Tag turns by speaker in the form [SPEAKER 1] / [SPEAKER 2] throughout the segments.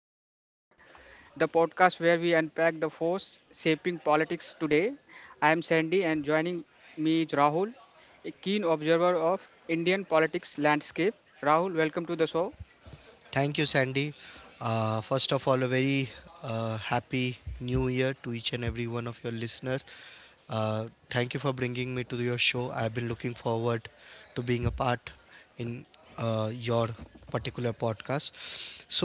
[SPEAKER 1] of Democracy, the podcast where we unpack the force shaping politics today. I am Sandy, and joining me is Rahul, a keen observer of Indian politics landscape. Rahul, welcome to the show.
[SPEAKER 2] Thank you, Sandy. First of all, a very happy new year to each and every one of your listeners. Thank you for bringing me to your show. I've been looking forward to being a part in your particular podcast.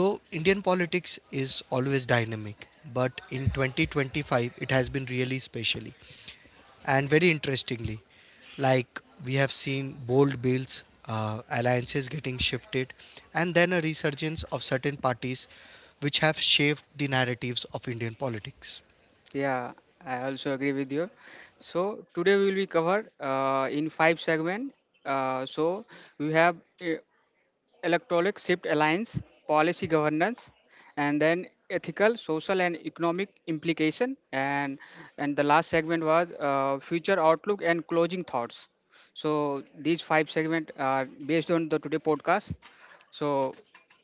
[SPEAKER 2] So, Indian politics is always dynamic, but in 2025, it has been really special and very interestingly, like we have seen bold bills, alliances getting shifted, and then a resurgence of certain parties which have shaped the narratives of indian politics.
[SPEAKER 1] Yeah, I also agree with you. So today we will be covered in five segment. So we have uh, electronic shift alliance, policy governance, and then ethical, social, and economic implication. And the last segment was future outlook and closing thoughts. So these five segment are based on the today podcast. So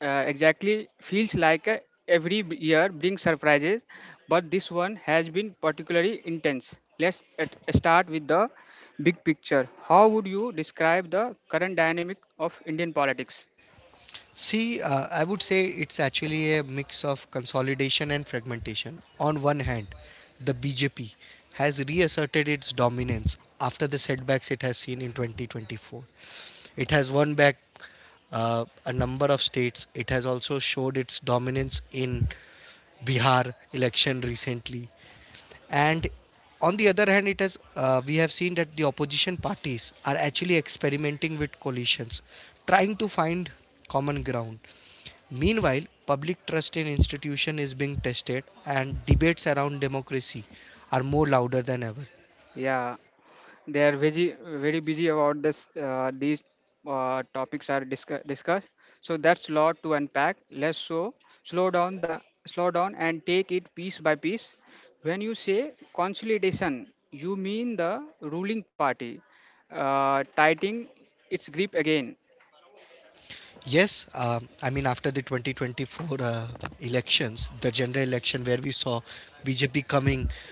[SPEAKER 1] exactly feels like every year brings surprises, but this one has been particularly intense. Start with the big picture. How would you describe the current dynamic of Indian politics?
[SPEAKER 2] See uh, i would say it's actually a mix of consolidation and fragmentation. On one hand, the bjp has reasserted its dominance after the setbacks it has seen in 2024. It has won back a number of states. It has also showed its dominance in Bihar election recently. And on the other hand, it has we have seen that the opposition parties are actually experimenting with coalitions, trying to find common ground. Meanwhile, public trust in institution is being tested, and debates around democracy are more louder than ever.
[SPEAKER 1] Yeah. They are very very busy about this. These topics are discussed. So that's lot to unpack. Let's so slow down the slow down and take it piece by piece. When you say consolidation, you mean the ruling party tightening its grip again.
[SPEAKER 2] Yes, I mean, after the 2024 elections, the general election where we saw BJP coming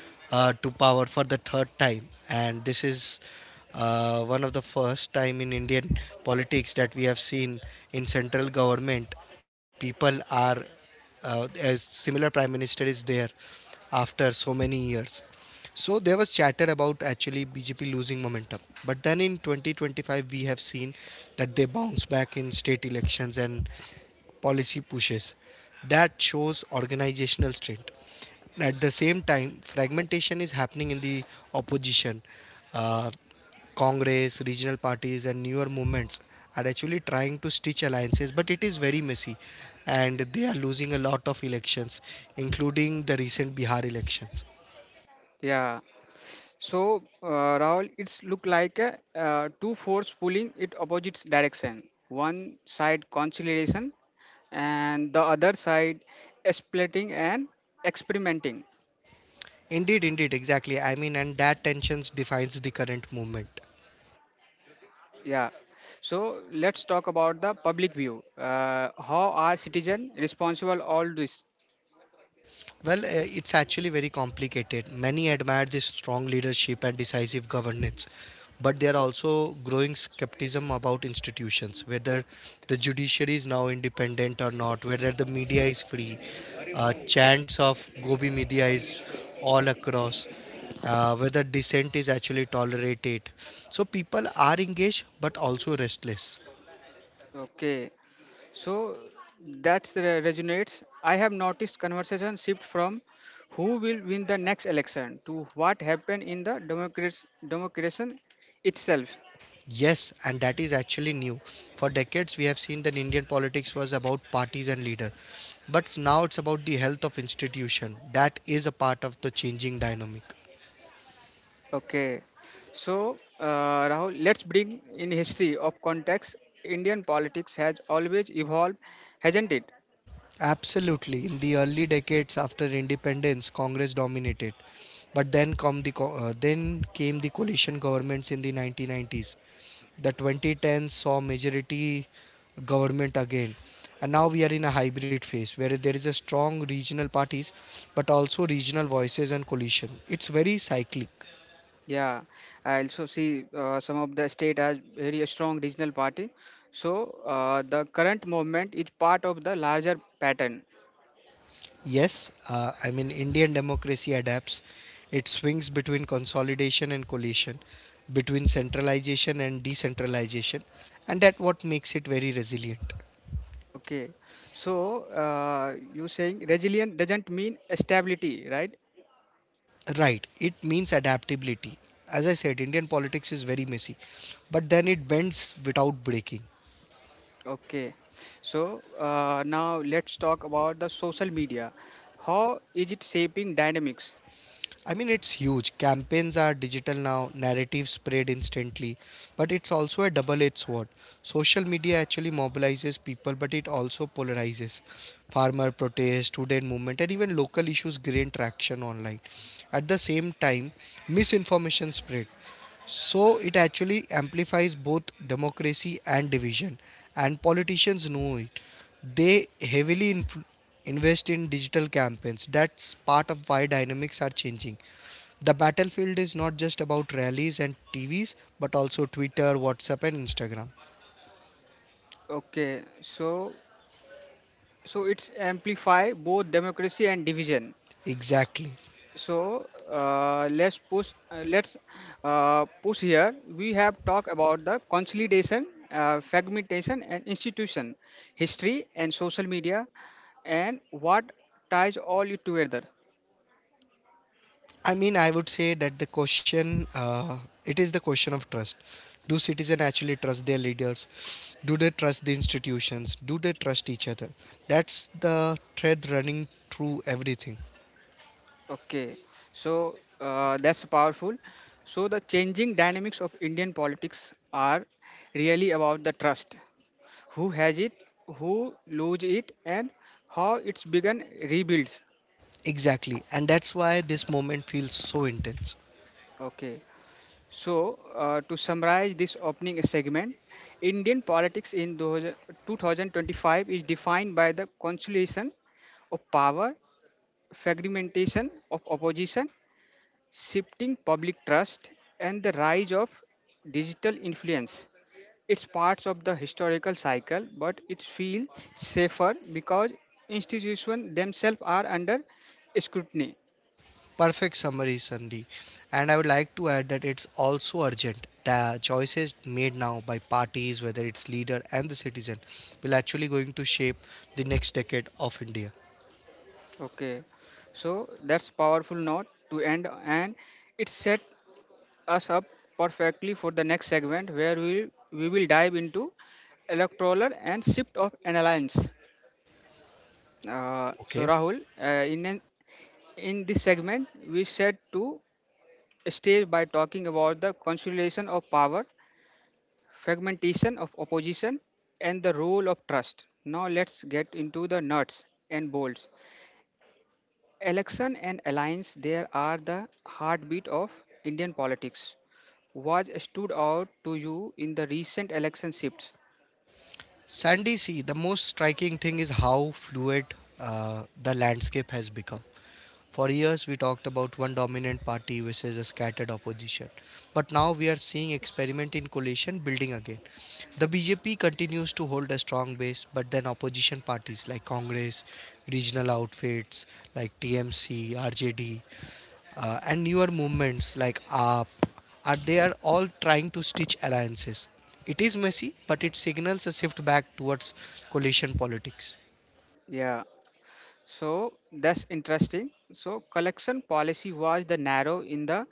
[SPEAKER 2] to power for the third time, and this is one of the first time in Indian politics that we have seen in central government people are, as similar prime minister is there after so many years, so there was chatter about actually bjp losing momentum. But then in 2025 we have seen that they bounce back in state elections and policy pushes. That shows organizational strength. At the same time, fragmentation is happening in the opposition. Uh, Congress, regional parties, and newer movements are actually trying to stitch alliances, but it is very messy and they are losing a lot of elections, including the recent Bihar elections.
[SPEAKER 1] Yeah. So, Rahul, it's look like two force pulling it opposite direction. One side conciliation, and the other side splitting and experimenting.
[SPEAKER 2] Indeed, indeed, exactly. I mean, and that tensions defines the current movement.
[SPEAKER 1] Yeah. So let's talk about the public view. How are citizens responsible all this?
[SPEAKER 2] Well, it's actually very complicated. Many admire this strong leadership and decisive governance, but there are also growing skepticism about institutions, whether the judiciary is now independent or not, whether the media is free. Chants of Gobi media is all across, whether dissent is actually tolerated. So people are engaged but also restless.
[SPEAKER 1] Okay. So that's resonates. I have noticed conversation shift from who will win the next election to what happened in the democracy democration itself.
[SPEAKER 2] Yes, and that is actually new. For decades, we have seen that Indian politics was about parties and leader, but now it's about the health of institution. That is a part of the changing dynamic.
[SPEAKER 1] Okay. So Rahul, let's bring in history of context. Indian politics has always evolved, hasn't it?
[SPEAKER 2] Absolutely. In the early decades after independence, Congress dominated, but then then came the coalition governments in the 1990s. The 2010 saw majority government again, and now we are in a hybrid phase where there is a strong regional parties but also regional voices and coalition. It's very cyclic.
[SPEAKER 1] Yeah. I also see some of the state as very strong regional party. So the current movement is part of the larger pattern.
[SPEAKER 2] Yes uh, i mean, indian democracy adapts. It swings between consolidation and coalition, between centralization and decentralization, and that what makes it very resilient.
[SPEAKER 1] Okay, so you saying resilient doesn't mean stability, right?
[SPEAKER 2] Right, it means adaptability. As I said, indian politics is very messy, but then it bends without breaking.
[SPEAKER 1] Okay, so now let's talk about the social media. How is it shaping dynamics?
[SPEAKER 2] I mean, it's huge. Campaigns are digital now, narratives spread instantly, but it's also a double edged sword. Social media actually mobilizes people, but it also polarizes. Farmer protests, student movement, and even local issues gain traction online. At the same time, misinformation spread. So it actually amplifies both democracy and division, and politicians know it. They invest in digital campaigns. That's part of why dynamics are changing. The battlefield is not just about rallies and TVs, but also Twitter, WhatsApp, and Instagram.
[SPEAKER 1] Okay, so so it's amplify both democracy and division.
[SPEAKER 2] Exactly.
[SPEAKER 1] So let's push here. We have talked about the consolidation, fragmentation and institution, history and social media, and what ties all it together.
[SPEAKER 2] I mean, I would say that the question it is the question of trust. Do citizens actually trust their leaders? Do they trust the institutions? Do they trust each other? That's the thread running through everything.
[SPEAKER 1] Okay, so that's powerful. So the changing dynamics of Indian politics are really about the trust, who has it, who lose it, and how it's begun rebuilds.
[SPEAKER 2] Exactly, and that's why this moment feels so intense.
[SPEAKER 1] Okay. So, to summarize this opening segment, Indian politics in 2000 2025 is defined by the consolidation of power, fragmentation of opposition, shifting public trust, and the rise of digital influence. It's parts of the historical cycle, but it feels safer because institutions themselves are under scrutiny.
[SPEAKER 2] Perfect summary, Sandy. And I would like to add that it's also urgent. The choices made now by parties, whether it's leader and the citizen, will actually going to shape the next decade of India.
[SPEAKER 1] Okay, so that's powerful note to end, and it set us up perfectly for the next segment where we will dive into electoral and shift of an alliance. So
[SPEAKER 2] Okay,
[SPEAKER 1] Rahul, in this segment, we set to stage by talking about the consolidation of power, fragmentation of opposition, and the role of trust. Now let's get into the nuts and bolts. Election and alliance, there are the heartbeat of Indian politics. What stood out to you in the recent election shifts?
[SPEAKER 2] Sandy, see, the most striking thing is how fluid the landscape has become. For years, we talked about one dominant party versus a scattered opposition. But now we are seeing experiment in coalition building again. The BJP continues to hold a strong base, but then opposition parties like Congress, regional outfits like TMC, RJD, and newer movements like AAP, are they are all trying to stitch alliances. It is messy, but it signals a shift back towards coalition politics.
[SPEAKER 1] Yeah, so that's interesting. So, collection policy was the narrow in the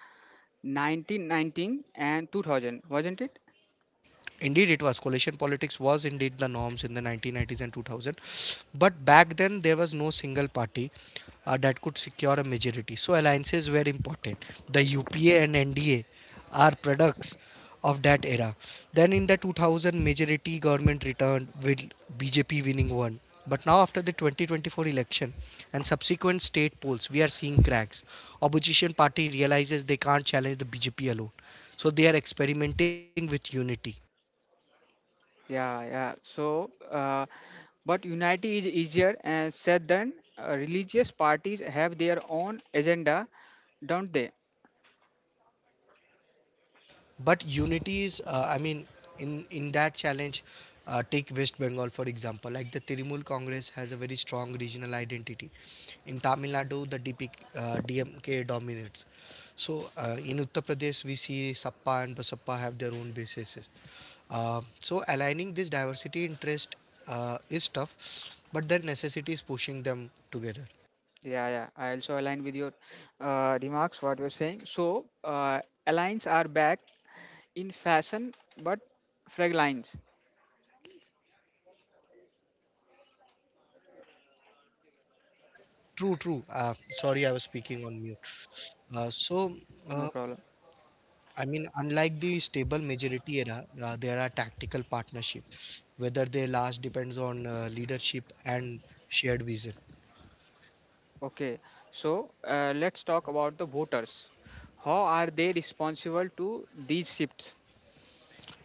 [SPEAKER 1] 1919 and 2000, wasn't it?
[SPEAKER 2] Indeed, it was. Coalition politics was indeed the norms in the 1990s and 2000. But back then, there was no single party that could secure a majority. So alliances were important. The UPA and NDA are products of that era. Then in the 2000, majority government returned with BJP winning one. But now after the 2024 election and subsequent state polls, we are seeing cracks. Opposition party realizes they can't challenge the BJP alone. So they are experimenting with unity.
[SPEAKER 1] Yeah, yeah. So, but unity is easier said than religious parties have their own agenda, don't they?
[SPEAKER 2] But unity is I mean in that challenge, take west bengal for example, like the trinamool congress has a very strong regional identity. In tamil nadu dmk dominates. In uttar pradesh we see sappa and basappa have their own bases. Uh, so aligning this diversity interest is tough, but their necessity is pushing them together.
[SPEAKER 1] Yeah, yeah. I also align with your remarks, what you're saying. So, aligns are back in fashion, but frag lines,
[SPEAKER 2] True true Sorry, I was speaking on mute. uh, so
[SPEAKER 1] no
[SPEAKER 2] uh,
[SPEAKER 1] problem.
[SPEAKER 2] I mean, unlike the stable majority era, there are tactical partnership. Whether they last depends on leadership and shared vision.
[SPEAKER 1] Okay. So, let's talk about the voters. How are they responsible to these shifts?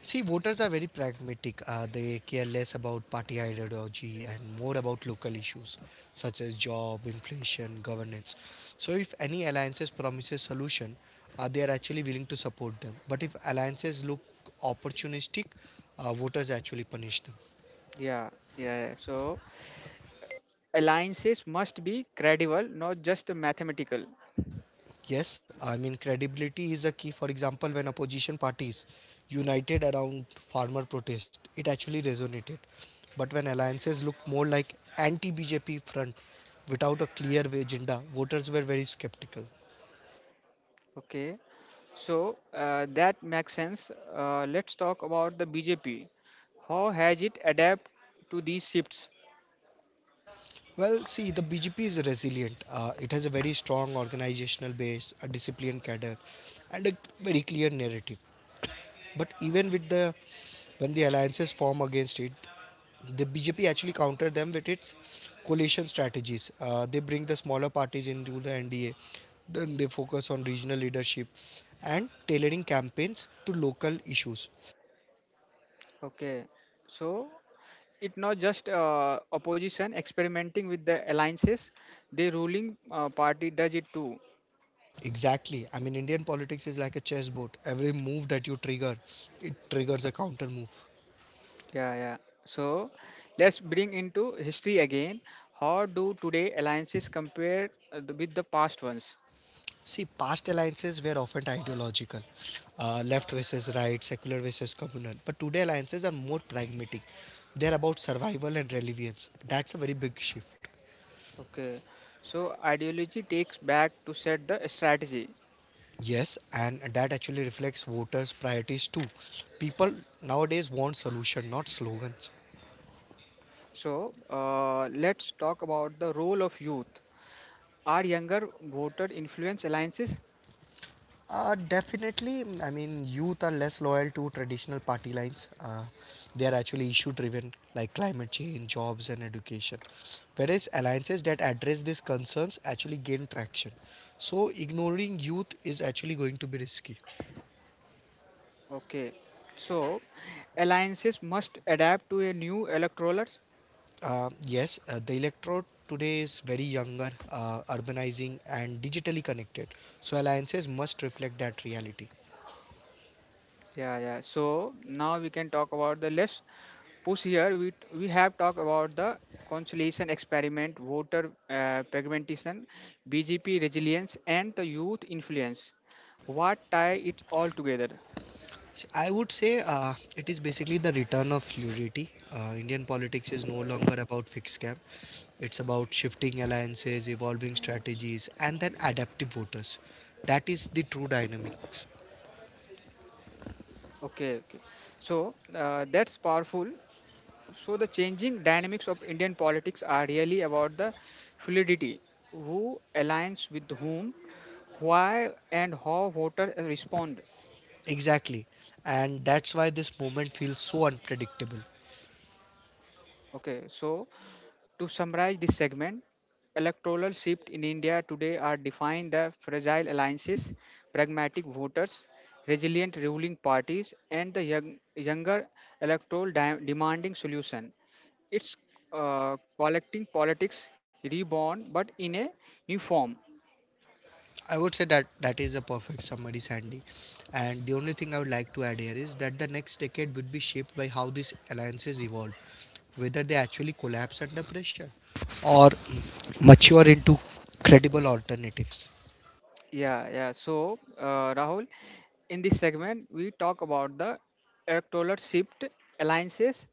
[SPEAKER 2] See, voters are very pragmatic. They care less about party ideology and more about local issues such as job, inflation, governance. So, if any alliances promises solution, they are actually willing to support them. But if alliances look opportunistic, voters actually punish them.
[SPEAKER 1] Yeah, yeah. So, alliances must be credible, not just mathematical.
[SPEAKER 2] Yes, I mean, credibility is a key. For example, when opposition parties united around farmer protest, it actually resonated. But when alliances look more like anti BJP front without a clear agenda, voters were very skeptical.
[SPEAKER 1] Okay. So, that makes sense. Let's talk about the BJP. How has it adapt to these shifts?
[SPEAKER 2] Well, see, the BJP is resilient. It has a very strong organizational base, a disciplined cadre, and a very clear narrative. But even with the when the alliances form against it, the BJP actually counter them with its coalition strategies. They bring the smaller parties into the NDA. Then they focus on regional leadership and tailoring campaigns to local issues.
[SPEAKER 1] Okay, so it not just opposition experimenting with the alliances, the ruling party does it too.
[SPEAKER 2] Exactly. I mean, Indian politics is like a chessboard. Every move that you trigger, it triggers a counter move.
[SPEAKER 1] Yeah, yeah. So let's bring into history again. How do today alliances compare with the past ones?
[SPEAKER 2] See, past alliances were often ideological, left versus right, secular versus communal. But today, alliances are more pragmatic. They're about survival and relevance. That's a very big shift.
[SPEAKER 1] Okay, so ideology takes back to set the strategy.
[SPEAKER 2] Yes, and that actually reflects voters' priorities too. People nowadays want solution, not slogans.
[SPEAKER 1] So let's talk about the role of youth. Are younger voter influence alliances?
[SPEAKER 2] Definitely, I mean, youth are less loyal to traditional party lines. They are actually issue driven, like climate change, jobs, and education. Whereas alliances that address these concerns actually gain traction. So, ignoring youth is actually going to be risky.
[SPEAKER 1] Okay, so alliances must adapt to a new electorate.
[SPEAKER 2] Yes, the electorate today is very younger, urbanizing, and digitally connected. So alliances must reflect that reality.
[SPEAKER 1] Yeah, yeah. So now we can talk about the less push here. We have talked about the conciliation experiment, voter fragmentation, BGP resilience, and the youth influence. What tie it all together?
[SPEAKER 2] So I would say it is basically the return of fluidity. Indian politics is no longer about fixed camp. It's about shifting alliances, evolving strategies, and then adaptive voters. That is the true dynamics.
[SPEAKER 1] Okay. So that's powerful. So the changing dynamics of Indian politics are really about the fluidity, who aligns with whom, why and how voters respond.
[SPEAKER 2] Exactly. And that's why this moment feels so unpredictable.
[SPEAKER 1] Okay, so to summarize this segment, electoral shift in India today are defined the fragile alliances, pragmatic voters, resilient ruling parties, and the younger electoral demanding solution. It's collecting politics reborn, but in a new form.
[SPEAKER 2] I would say that that is a perfect summary, Sandy. And the only thing I would like to add here is that the next decade would be shaped by how these alliances evolve, whether they actually collapse under pressure or mature into credible alternatives.
[SPEAKER 1] Yeah, yeah. So, Rahul, in this segment, we talk about the electoral shift, alliances,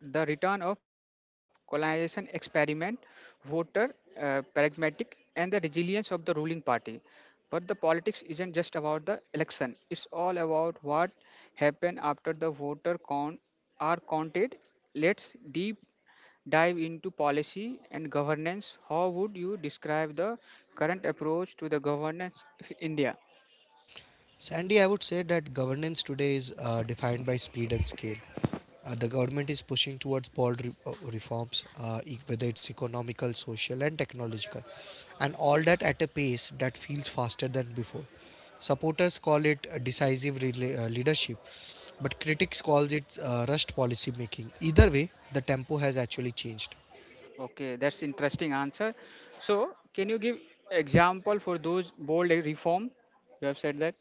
[SPEAKER 1] the return of colonization experiment, voter pragmatic, and the resilience of the ruling party. But the politics isn't just about the election; it's all about what happened after the voter count are counted. Let's deep dive into policy and governance. How would you describe the current approach to the governance in India?
[SPEAKER 2] Sandy, I would say that governance today is defined by speed and scale. The government is pushing towards reforms, whether it's economical, social, and technological, and all that at a pace that feels faster than before. Supporters call it decisive leadership, but critics call it rushed policy making. Either way, the tempo has actually changed.
[SPEAKER 1] Okay, that's interesting answer. So, can you give example for those bold reform? You have said that.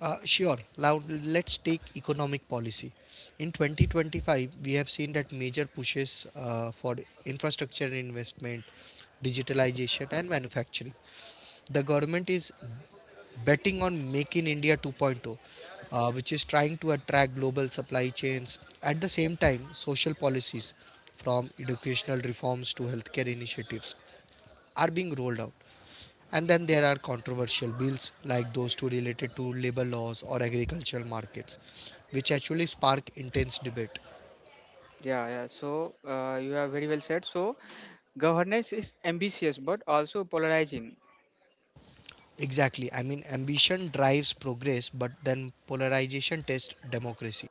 [SPEAKER 2] Sure, now let's take economic policy. In 2025, we have seen that major pushes for infrastructure investment, digitalization, and manufacturing. The government is betting on Make in India 2.0, which is trying to attract global supply chains. At the same time, social policies, from educational reforms to healthcare initiatives, are being rolled out. And then there are controversial bills like those two related to labor laws or agricultural markets, which actually spark intense debate.
[SPEAKER 1] Yeah, yeah. So you have very well said. So governance is ambitious but also polarizing.
[SPEAKER 2] Exactly. I mean, ambition drives progress, but then polarization tests democracy.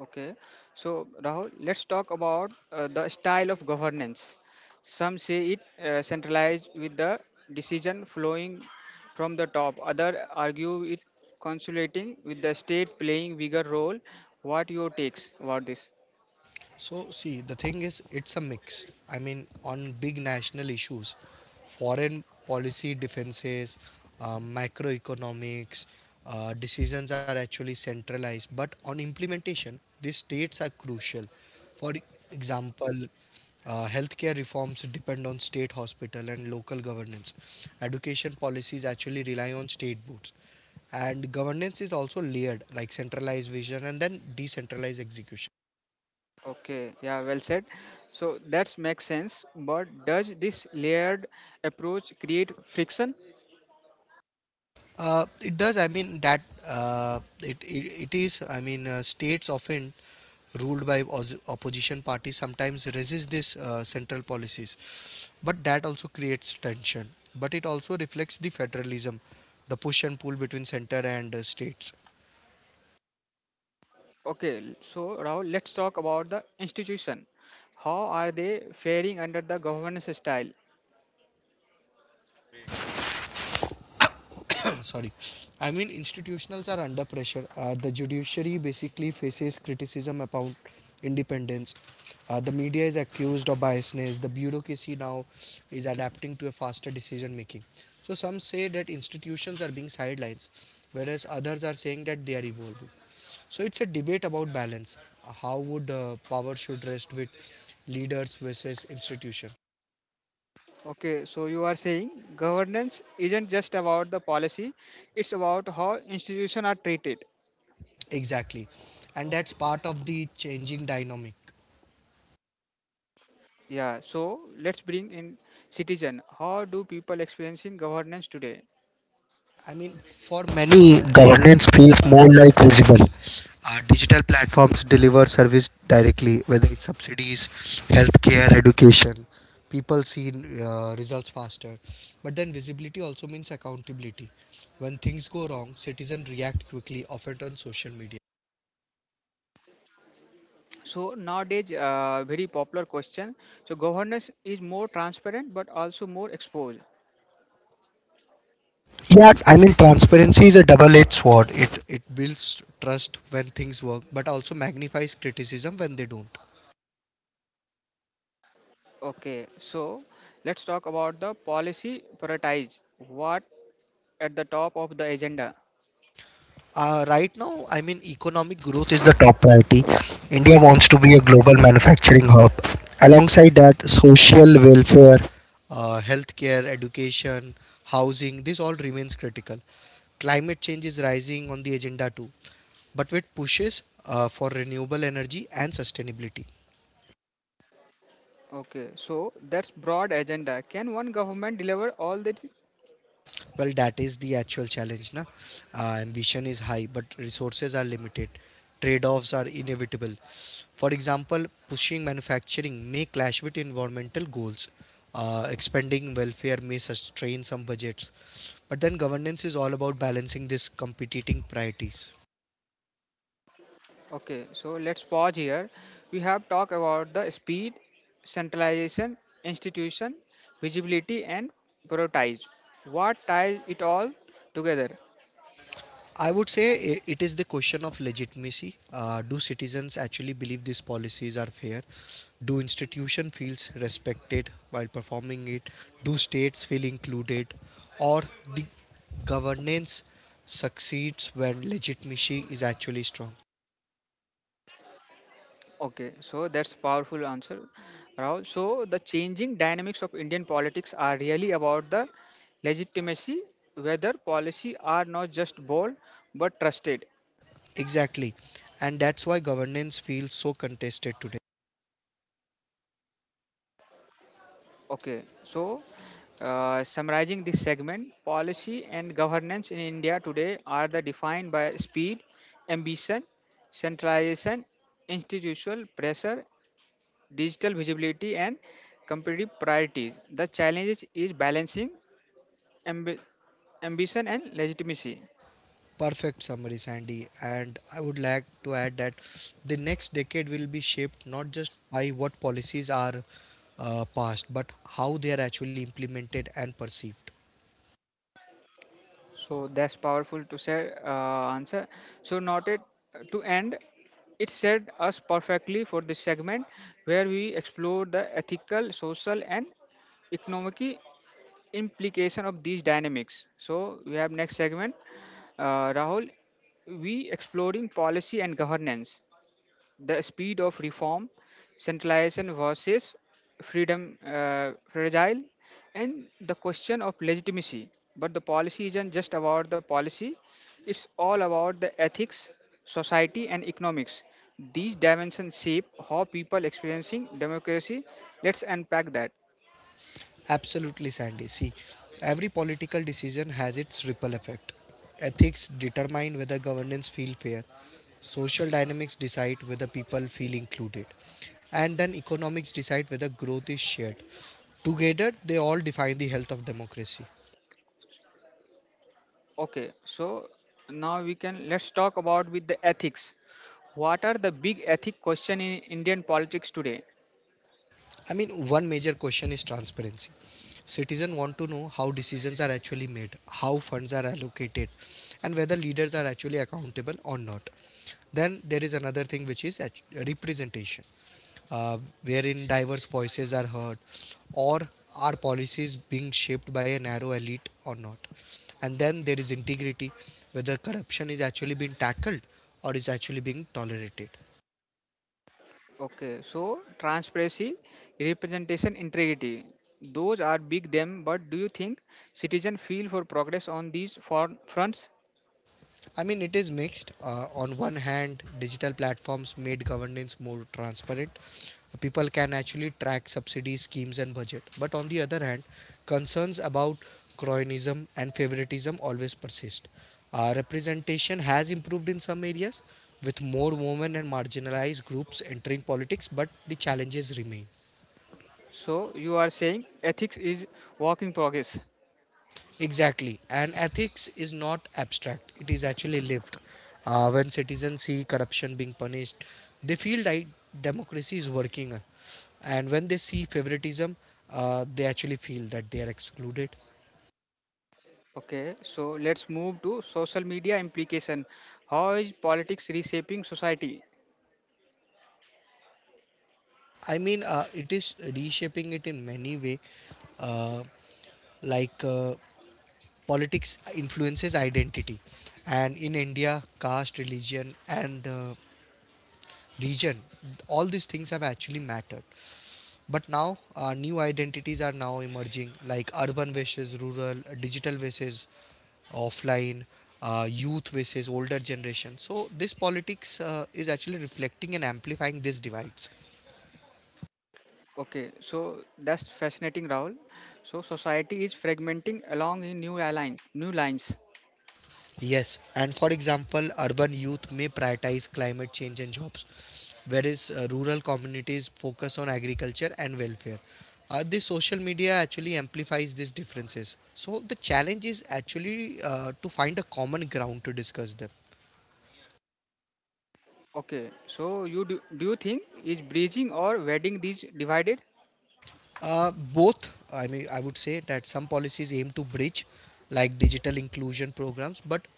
[SPEAKER 1] Okay, so Rahul, let's talk about the style of governance. Some say it centralized with the decision flowing from the top. Other argue it consolidating with the state playing bigger role. What your takes about this?
[SPEAKER 2] So, see, the thing is, it's a mix. I mean, on big national issues, foreign policy defenses, macroeconomics, decisions are actually centralized. But on implementation, these states are crucial. For example, healthcare reforms depend on state hospital and local governance. Education policies actually rely on state boards. And governance is also layered, like centralized vision and then decentralized execution.
[SPEAKER 1] Okay, yeah, well said. So that makes sense. But does this layered approach create friction?
[SPEAKER 2] It does. I mean that it, it it is. I mean states often ruled by opposition parties sometimes resist this central policies, but that also creates tension. But it also reflects the federalism, the push and pull between center and states.
[SPEAKER 1] Okay, so Rahul, let's talk about the institution. How are they faring under the governance style?
[SPEAKER 2] Sorry, I mean institutions are under pressure. The judiciary basically faces criticism about independence. The media is accused of biasness. The bureaucracy now is adapting to a faster decision making, so some say that institutions are being sidelined, whereas others are saying that they are evolving. So it's a debate about balance. How would power should rest with leaders versus institution?
[SPEAKER 1] Okay, so you are saying governance isn't just about the policy, it's about how institutions are treated.
[SPEAKER 2] Exactly, and that's part of the changing dynamic.
[SPEAKER 1] Yeah, so let's bring in citizen. How do people experience in governance today?
[SPEAKER 2] I mean, for many, governance feels more like visible. Digital platforms deliver service directly, whether it's subsidies, healthcare, education. People see results faster. But then visibility also means accountability. When things go wrong, citizens react quickly, often on social media.
[SPEAKER 1] So nowadays, very popular question. So governance is more transparent but also more exposed.
[SPEAKER 2] Yeah, I mean, transparency is a double edged sword. It builds trust when things work, but also magnifies criticism when they don't.
[SPEAKER 1] Okay, so let's talk about the policy prioritize. What at the top of the agenda?
[SPEAKER 2] Right now, I mean, economic growth is the top priority. India wants to be a global manufacturing hub. Alongside that, social welfare, healthcare, education, housing, this all remains critical. Climate change is rising on the agenda too, but with pushes for renewable energy and sustainability.
[SPEAKER 1] Okay, so that's broad agenda. Can one government deliver all that?
[SPEAKER 2] Well, that is the actual challenge. Na? Ambition is high, but resources are limited. Trade offs are inevitable. For example, pushing manufacturing may clash with environmental goals. Expanding welfare may strain some budgets. But then governance is all about balancing these competing priorities.
[SPEAKER 1] Okay, so let's pause here. We have talked about the speed, centralization, institution, visibility, and prioritize. What ties it all together?
[SPEAKER 2] I would say it is the question of legitimacy. Do citizens actually believe these policies are fair? Do institution feels respected while performing it? Do states feel included? Or the governance succeeds when legitimacy is actually strong?
[SPEAKER 1] Okay, so that's powerful answer, Rahul. So the changing dynamics of Indian politics are really about the legitimacy, whether policy are not just bold but trusted.
[SPEAKER 2] Exactly. And that's why governance feels so contested today.
[SPEAKER 1] Okay, so summarizing this segment, policy and governance in India today are the defined by speed, ambition, centralization, institutional pressure, digital visibility, and competitive priorities. The challenges is balancing ambi- ambition and legitimacy.
[SPEAKER 2] Perfect summary, Sandy. And I would like to add that the next decade will be shaped not just by what policies are passed, but how they are actually implemented and perceived.
[SPEAKER 1] So that's powerful to say answer. So noted to end, it set us perfectly for this segment where we explore the ethical, social, and economic implication of these dynamics. So we have next segment, Rahul. We exploring policy and governance, the speed of reform, centralization versus freedom fragile, and the question of legitimacy. But the policy isn't just about the policy, it's all about the ethics, society, and economics. These dimensions shape how people experiencing democracy. Let's unpack that.
[SPEAKER 2] Absolutely, Sandy. See, every political decision has its ripple effect. Ethics determine whether governance feel fair. Social dynamics decide whether people feel included. And then economics decide whether growth is shared. Together, they all define the health of democracy.
[SPEAKER 1] Okay, so now we can let's talk about with the ethics. What are the big ethic question in Indian politics today?
[SPEAKER 2] I mean, one major question is transparency. Citizens want to know how decisions are actually made, how funds are allocated, and whether leaders are actually accountable or not. Then there is another thing which is representation, uh, wherein diverse voices are heard, or are policies being shaped by a narrow elite or not. And then there is integrity, whether corruption is actually being tackled or is actually being tolerated.
[SPEAKER 1] Okay, so transparency, representation, integrity. Those are big them, but do you think citizen feel for progress on these fronts?
[SPEAKER 2] I mean, it is mixed. On one hand, digital platforms made governance more transparent. People can actually track subsidy schemes and budget. But on the other hand, concerns about cronyism and favoritism always persist. Representation has improved in some areas, with more women and marginalized groups entering politics, but the challenges remain.
[SPEAKER 1] So you are saying ethics is work in progress.
[SPEAKER 2] Exactly. And ethics is not abstract, it is actually lived. When citizens see corruption being punished, they feel like democracy is working. And when they see favoritism, they actually feel that they are excluded.
[SPEAKER 1] Okay, so let's move to social media implication. How is politics reshaping society?
[SPEAKER 2] It is reshaping it in many way, uh, like uh, politics influences identity, and in India, caste, religion, and region, all these things have actually mattered. But now, new identities are now emerging, like urban versus rural, digital versus offline, youth versus older generation. So this politics is actually reflecting and amplifying these divides.
[SPEAKER 1] Okay, so that's fascinating, Rahul. So society is fragmenting along in new lines.
[SPEAKER 2] Yes, and for example, urban youth may prioritize climate change and jobs, whereas rural communities focus on agriculture and welfare. This social media actually amplifies these differences. So the challenge is actually to find a common ground to discuss them.
[SPEAKER 1] Okay, so do you think is bridging or wedding these divided?
[SPEAKER 2] Both, I mean, I would say that some policies aim to bridge, like digital inclusion programs, but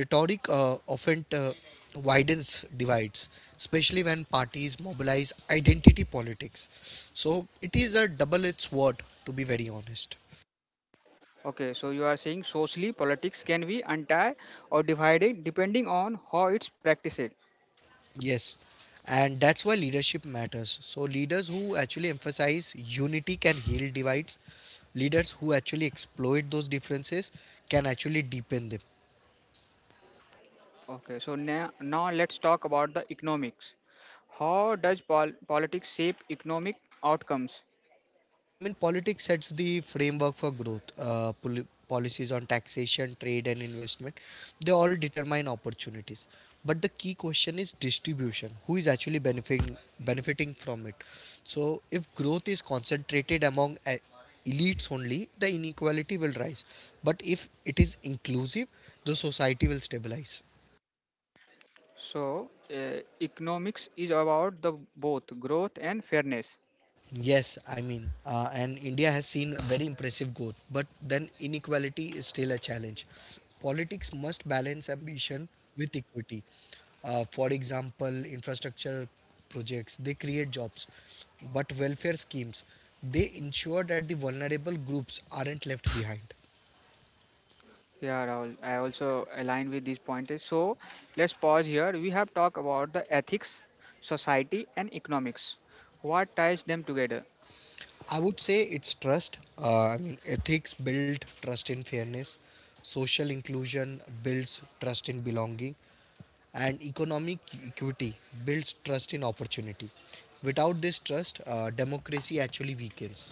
[SPEAKER 2] rhetoric often widens divides, especially when parties mobilize identity politics. So it is a double edged sword, to be very honest.
[SPEAKER 1] Okay, so you are saying socially politics can be untie or divided depending on how it's practiced.
[SPEAKER 2] Yes, and that's why leadership matters. So leaders who actually emphasize unity can heal divides, leaders who actually exploit those differences can actually deepen them.
[SPEAKER 1] Okay, so now let's talk about the economics. How does politics shape economic outcomes?
[SPEAKER 2] I mean, politics sets the framework for growth. Policies on taxation, trade, and investment, they all determine opportunities. But the key question is distribution. Who is actually benefiting from it? So, if growth is concentrated among elites only, the inequality will rise. But if it is inclusive, the society will stabilize.
[SPEAKER 1] So, economics is about the both growth and fairness.
[SPEAKER 2] Yes, I mean, and India has seen very impressive growth, but then inequality is still a challenge. Politics must balance ambition with equity. For example, infrastructure projects they create jobs, but welfare schemes they ensure that the vulnerable groups aren't left behind.
[SPEAKER 1] Yeah, Rahul, I also align with these pointers. So, let's pause here. We have talked about the ethics, society, and economics. What ties them together?
[SPEAKER 2] I would say it's trust. Ethics build trust in fairness. Social inclusion builds trust in belonging, and economic equity builds trust in opportunity. Without this trust, democracy actually weakens.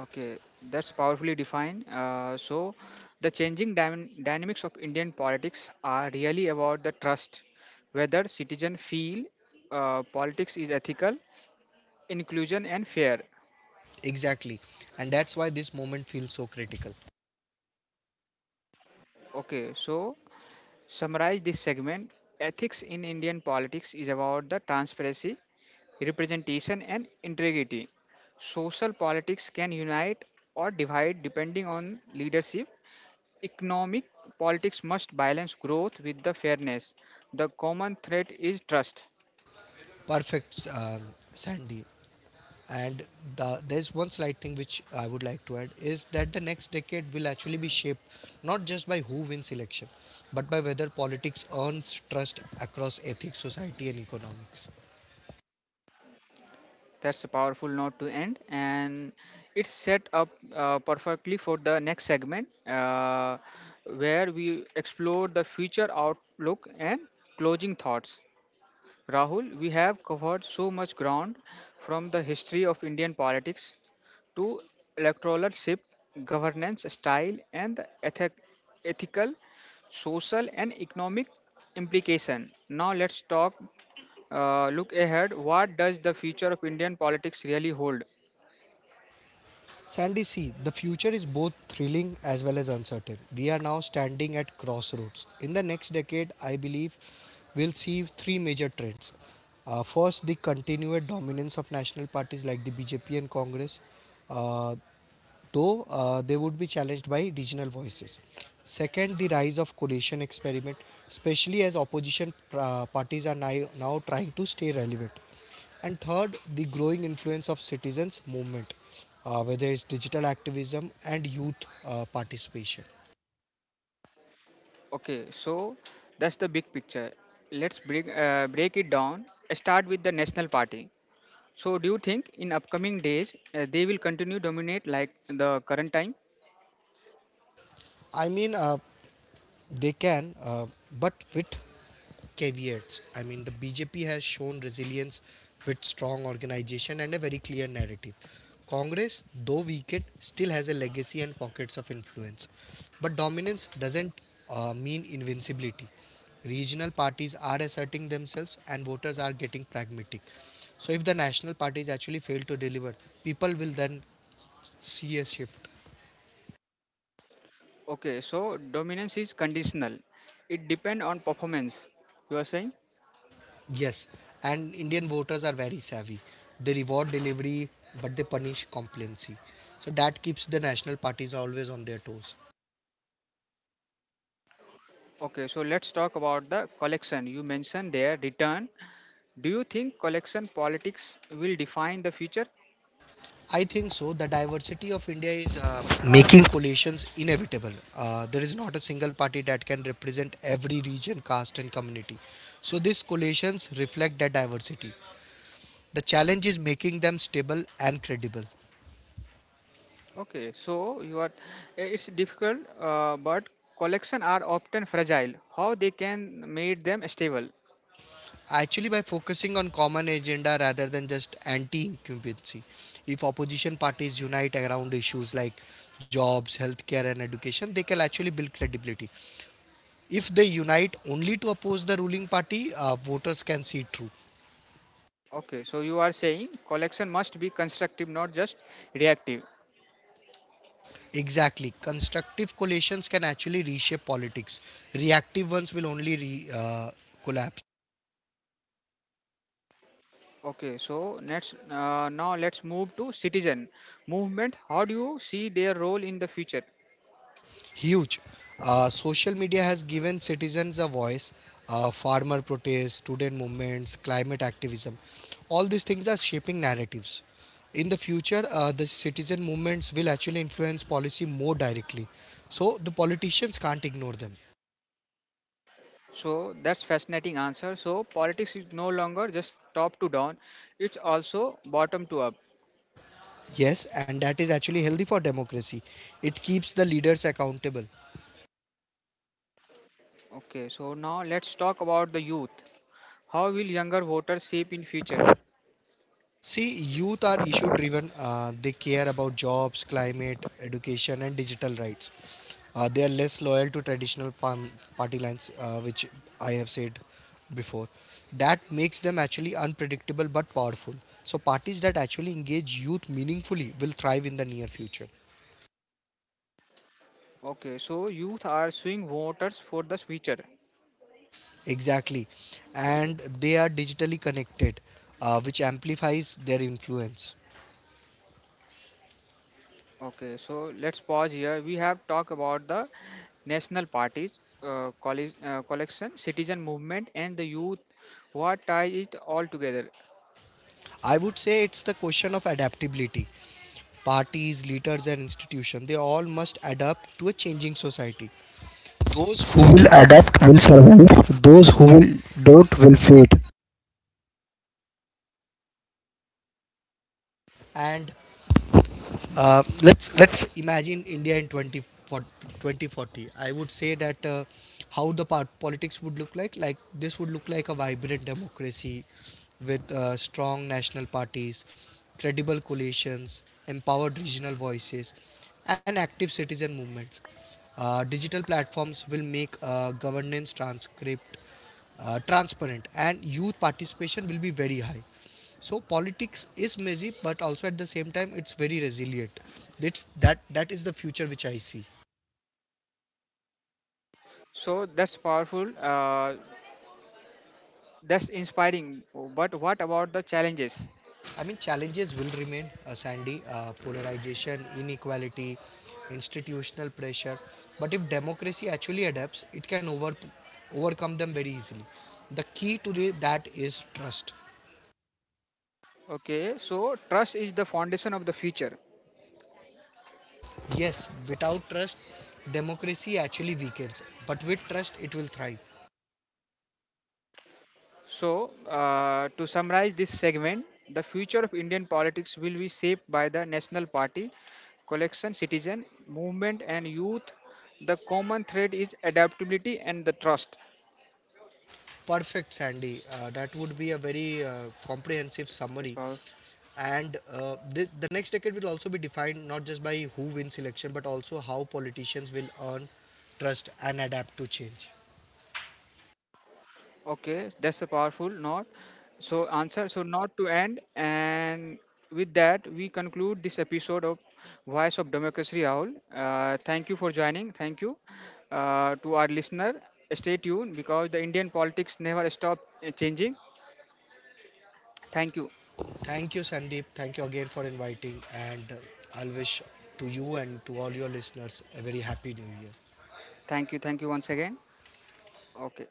[SPEAKER 1] Okay, that's powerfully defined. So, the changing dynamics of Indian politics are really about the trust, whether citizens feel politics is ethical, inclusion, and fair.
[SPEAKER 2] Exactly, and that's why this moment feels so critical.
[SPEAKER 1] Okay, so summarize this segment. Ethics in Indian politics is about the transparency, representation, and integrity. Social politics can unite or divide depending on leadership. Economic politics must balance growth with the fairness. The common threat is trust.
[SPEAKER 2] Perfect, Sandy. And there's one slight thing which I would like to add is that the next decade will actually be shaped not just by who wins election, but by whether politics earns trust across ethics, society, and economics.
[SPEAKER 1] That's a powerful note to end, and it's set up perfectly for the next segment, where we explore the future outlook and closing thoughts. Rahul, we have covered so much ground from the history of Indian politics to electoralship, governance style, and the ethical, social, and economic implication. Now let's talk. Look ahead. What does the future of Indian politics really hold?
[SPEAKER 2] Sandy, see, the future is both thrilling as well as uncertain. We are now standing at crossroads. In the next decade, I believe we'll see three major trends. First, the continued dominance of national parties like the BJP and Congress. Uh, though they would be challenged by regional voices. Second, the rise of coalition experiment, especially as opposition parties are now trying to stay relevant. And third, the growing influence of citizens' movement, whether it's digital activism and youth participation.
[SPEAKER 1] Okay, so that's the big picture. Let's break it down. Start with the National Party. So, do you think in upcoming days they will continue dominate like the current time?
[SPEAKER 2] I mean, uh, They can, but with caveats. I mean, the BJP has shown resilience with strong organization and a very clear narrative. Congress, though weakened, still has a legacy and pockets of influence. But dominance doesn't mean invincibility. Regional parties are asserting themselves and voters are getting pragmatic. So, if the national parties actually fail to deliver, people will then see a shift.
[SPEAKER 1] Okay, so dominance is conditional. It depends on performance. You are saying?
[SPEAKER 2] Yes, and Indian voters are very savvy. They reward delivery, but they punish complacency. So that keeps the national parties always on their toes.
[SPEAKER 1] Okay, so let's talk about the collection. You mentioned their return. Do you think collection politics will define the future?
[SPEAKER 2] I think so. The diversity of India is making coalitions inevitable. There is not a single party that can represent every region, caste, and community. So these coalitions reflect that diversity. The challenge is making them stable and credible.
[SPEAKER 1] Okay, so you are. Eh, It's difficult, but collection are often fragile. How they can make them stable?
[SPEAKER 2] Actually, by focusing on common agenda rather than just anti-incumbency, if opposition parties unite around issues like jobs, healthcare, and education, they can actually build credibility. If they unite only to oppose the ruling party, voters can see through.
[SPEAKER 1] Okay, so you are saying collection must be constructive, not just reactive.
[SPEAKER 2] Exactly, constructive coalitions can actually reshape politics. Reactive ones will only collapse.
[SPEAKER 1] Okay, so next, now let's move to citizen movement. How do you see their role in the future?
[SPEAKER 2] Huge. Social media has given citizens a voice. Farmer protests, student movements, climate activism. All these things are shaping narratives. In the future, the citizen movements will actually influence policy more directly. So the politicians can't ignore them.
[SPEAKER 1] So that's fascinating answer. So politics is no longer just top to down; it's also bottom to up.
[SPEAKER 2] Yes, and that is actually healthy for democracy. It keeps the leaders accountable.
[SPEAKER 1] Okay, so now let's talk about the youth. How will younger voters shape in future?
[SPEAKER 2] See, youth are issue driven. They care about jobs, climate, education, and digital rights. They are less loyal to traditional farm party lines, which I have said before. That makes them actually unpredictable but powerful. So, parties that actually engage youth meaningfully will thrive in the near future.
[SPEAKER 1] Okay, so youth are swing voters for the future.
[SPEAKER 2] Exactly. And they are digitally connected, which amplifies their influence.
[SPEAKER 1] Okay, so let's pause here. We have talked about the national parties, collection, citizen, movement, and the youth. What ties it all together?
[SPEAKER 2] I would say it's the question of adaptability. Parties, leaders, and institutions. They all must adapt to a changing society. Those who will adapt will survive, those who will don't will fade. And let's imagine India in 2040. I would say that how the part politics would look like. Like this would look like a vibrant democracy with strong national parties, credible coalitions, empowered regional voices, and active citizen movements. Digital platforms will make governance transcript transparent and youth participation will be very high. So politics is messy but also at the same time it's very resilient. That is the future which I see.
[SPEAKER 1] So that's powerful. That's inspiring. But what about the challenges?
[SPEAKER 2] I mean challenges will remain, Sandy. Polarization, inequality, institutional pressure, but if democracy actually adapts it can overcome them very easily. The key to that is trust.
[SPEAKER 1] Okay, so trust is the foundation of the future.
[SPEAKER 2] Yes, without trust democracy actually weakens, but with trust it will thrive.
[SPEAKER 1] So, to summarize this segment, the future of Indian politics will be shaped by the National Party, collection, citizen, movement, and youth. The common thread is adaptability and the trust.
[SPEAKER 2] Perfect, Sandy. That would be a very comprehensive
[SPEAKER 1] Yes,
[SPEAKER 2] summary.
[SPEAKER 1] Gaurav.
[SPEAKER 2] And the next decade will also be defined not just by who wins election, but also how politicians will earn trust and adapt to change.
[SPEAKER 1] Okay, that's a powerful note. So answer so not to end, and with that we conclude this episode of Voice of Democracy. Rahul, uh, thank you for joining. Thank you to our listener. Stay tuned because the Indian politics never stop changing. Thank you.
[SPEAKER 2] Thank you, Sandeep. Thank you again for inviting. And I'll wish to you and to all your listeners a very happy new year.
[SPEAKER 1] Thank you. Thank you once again. Okay.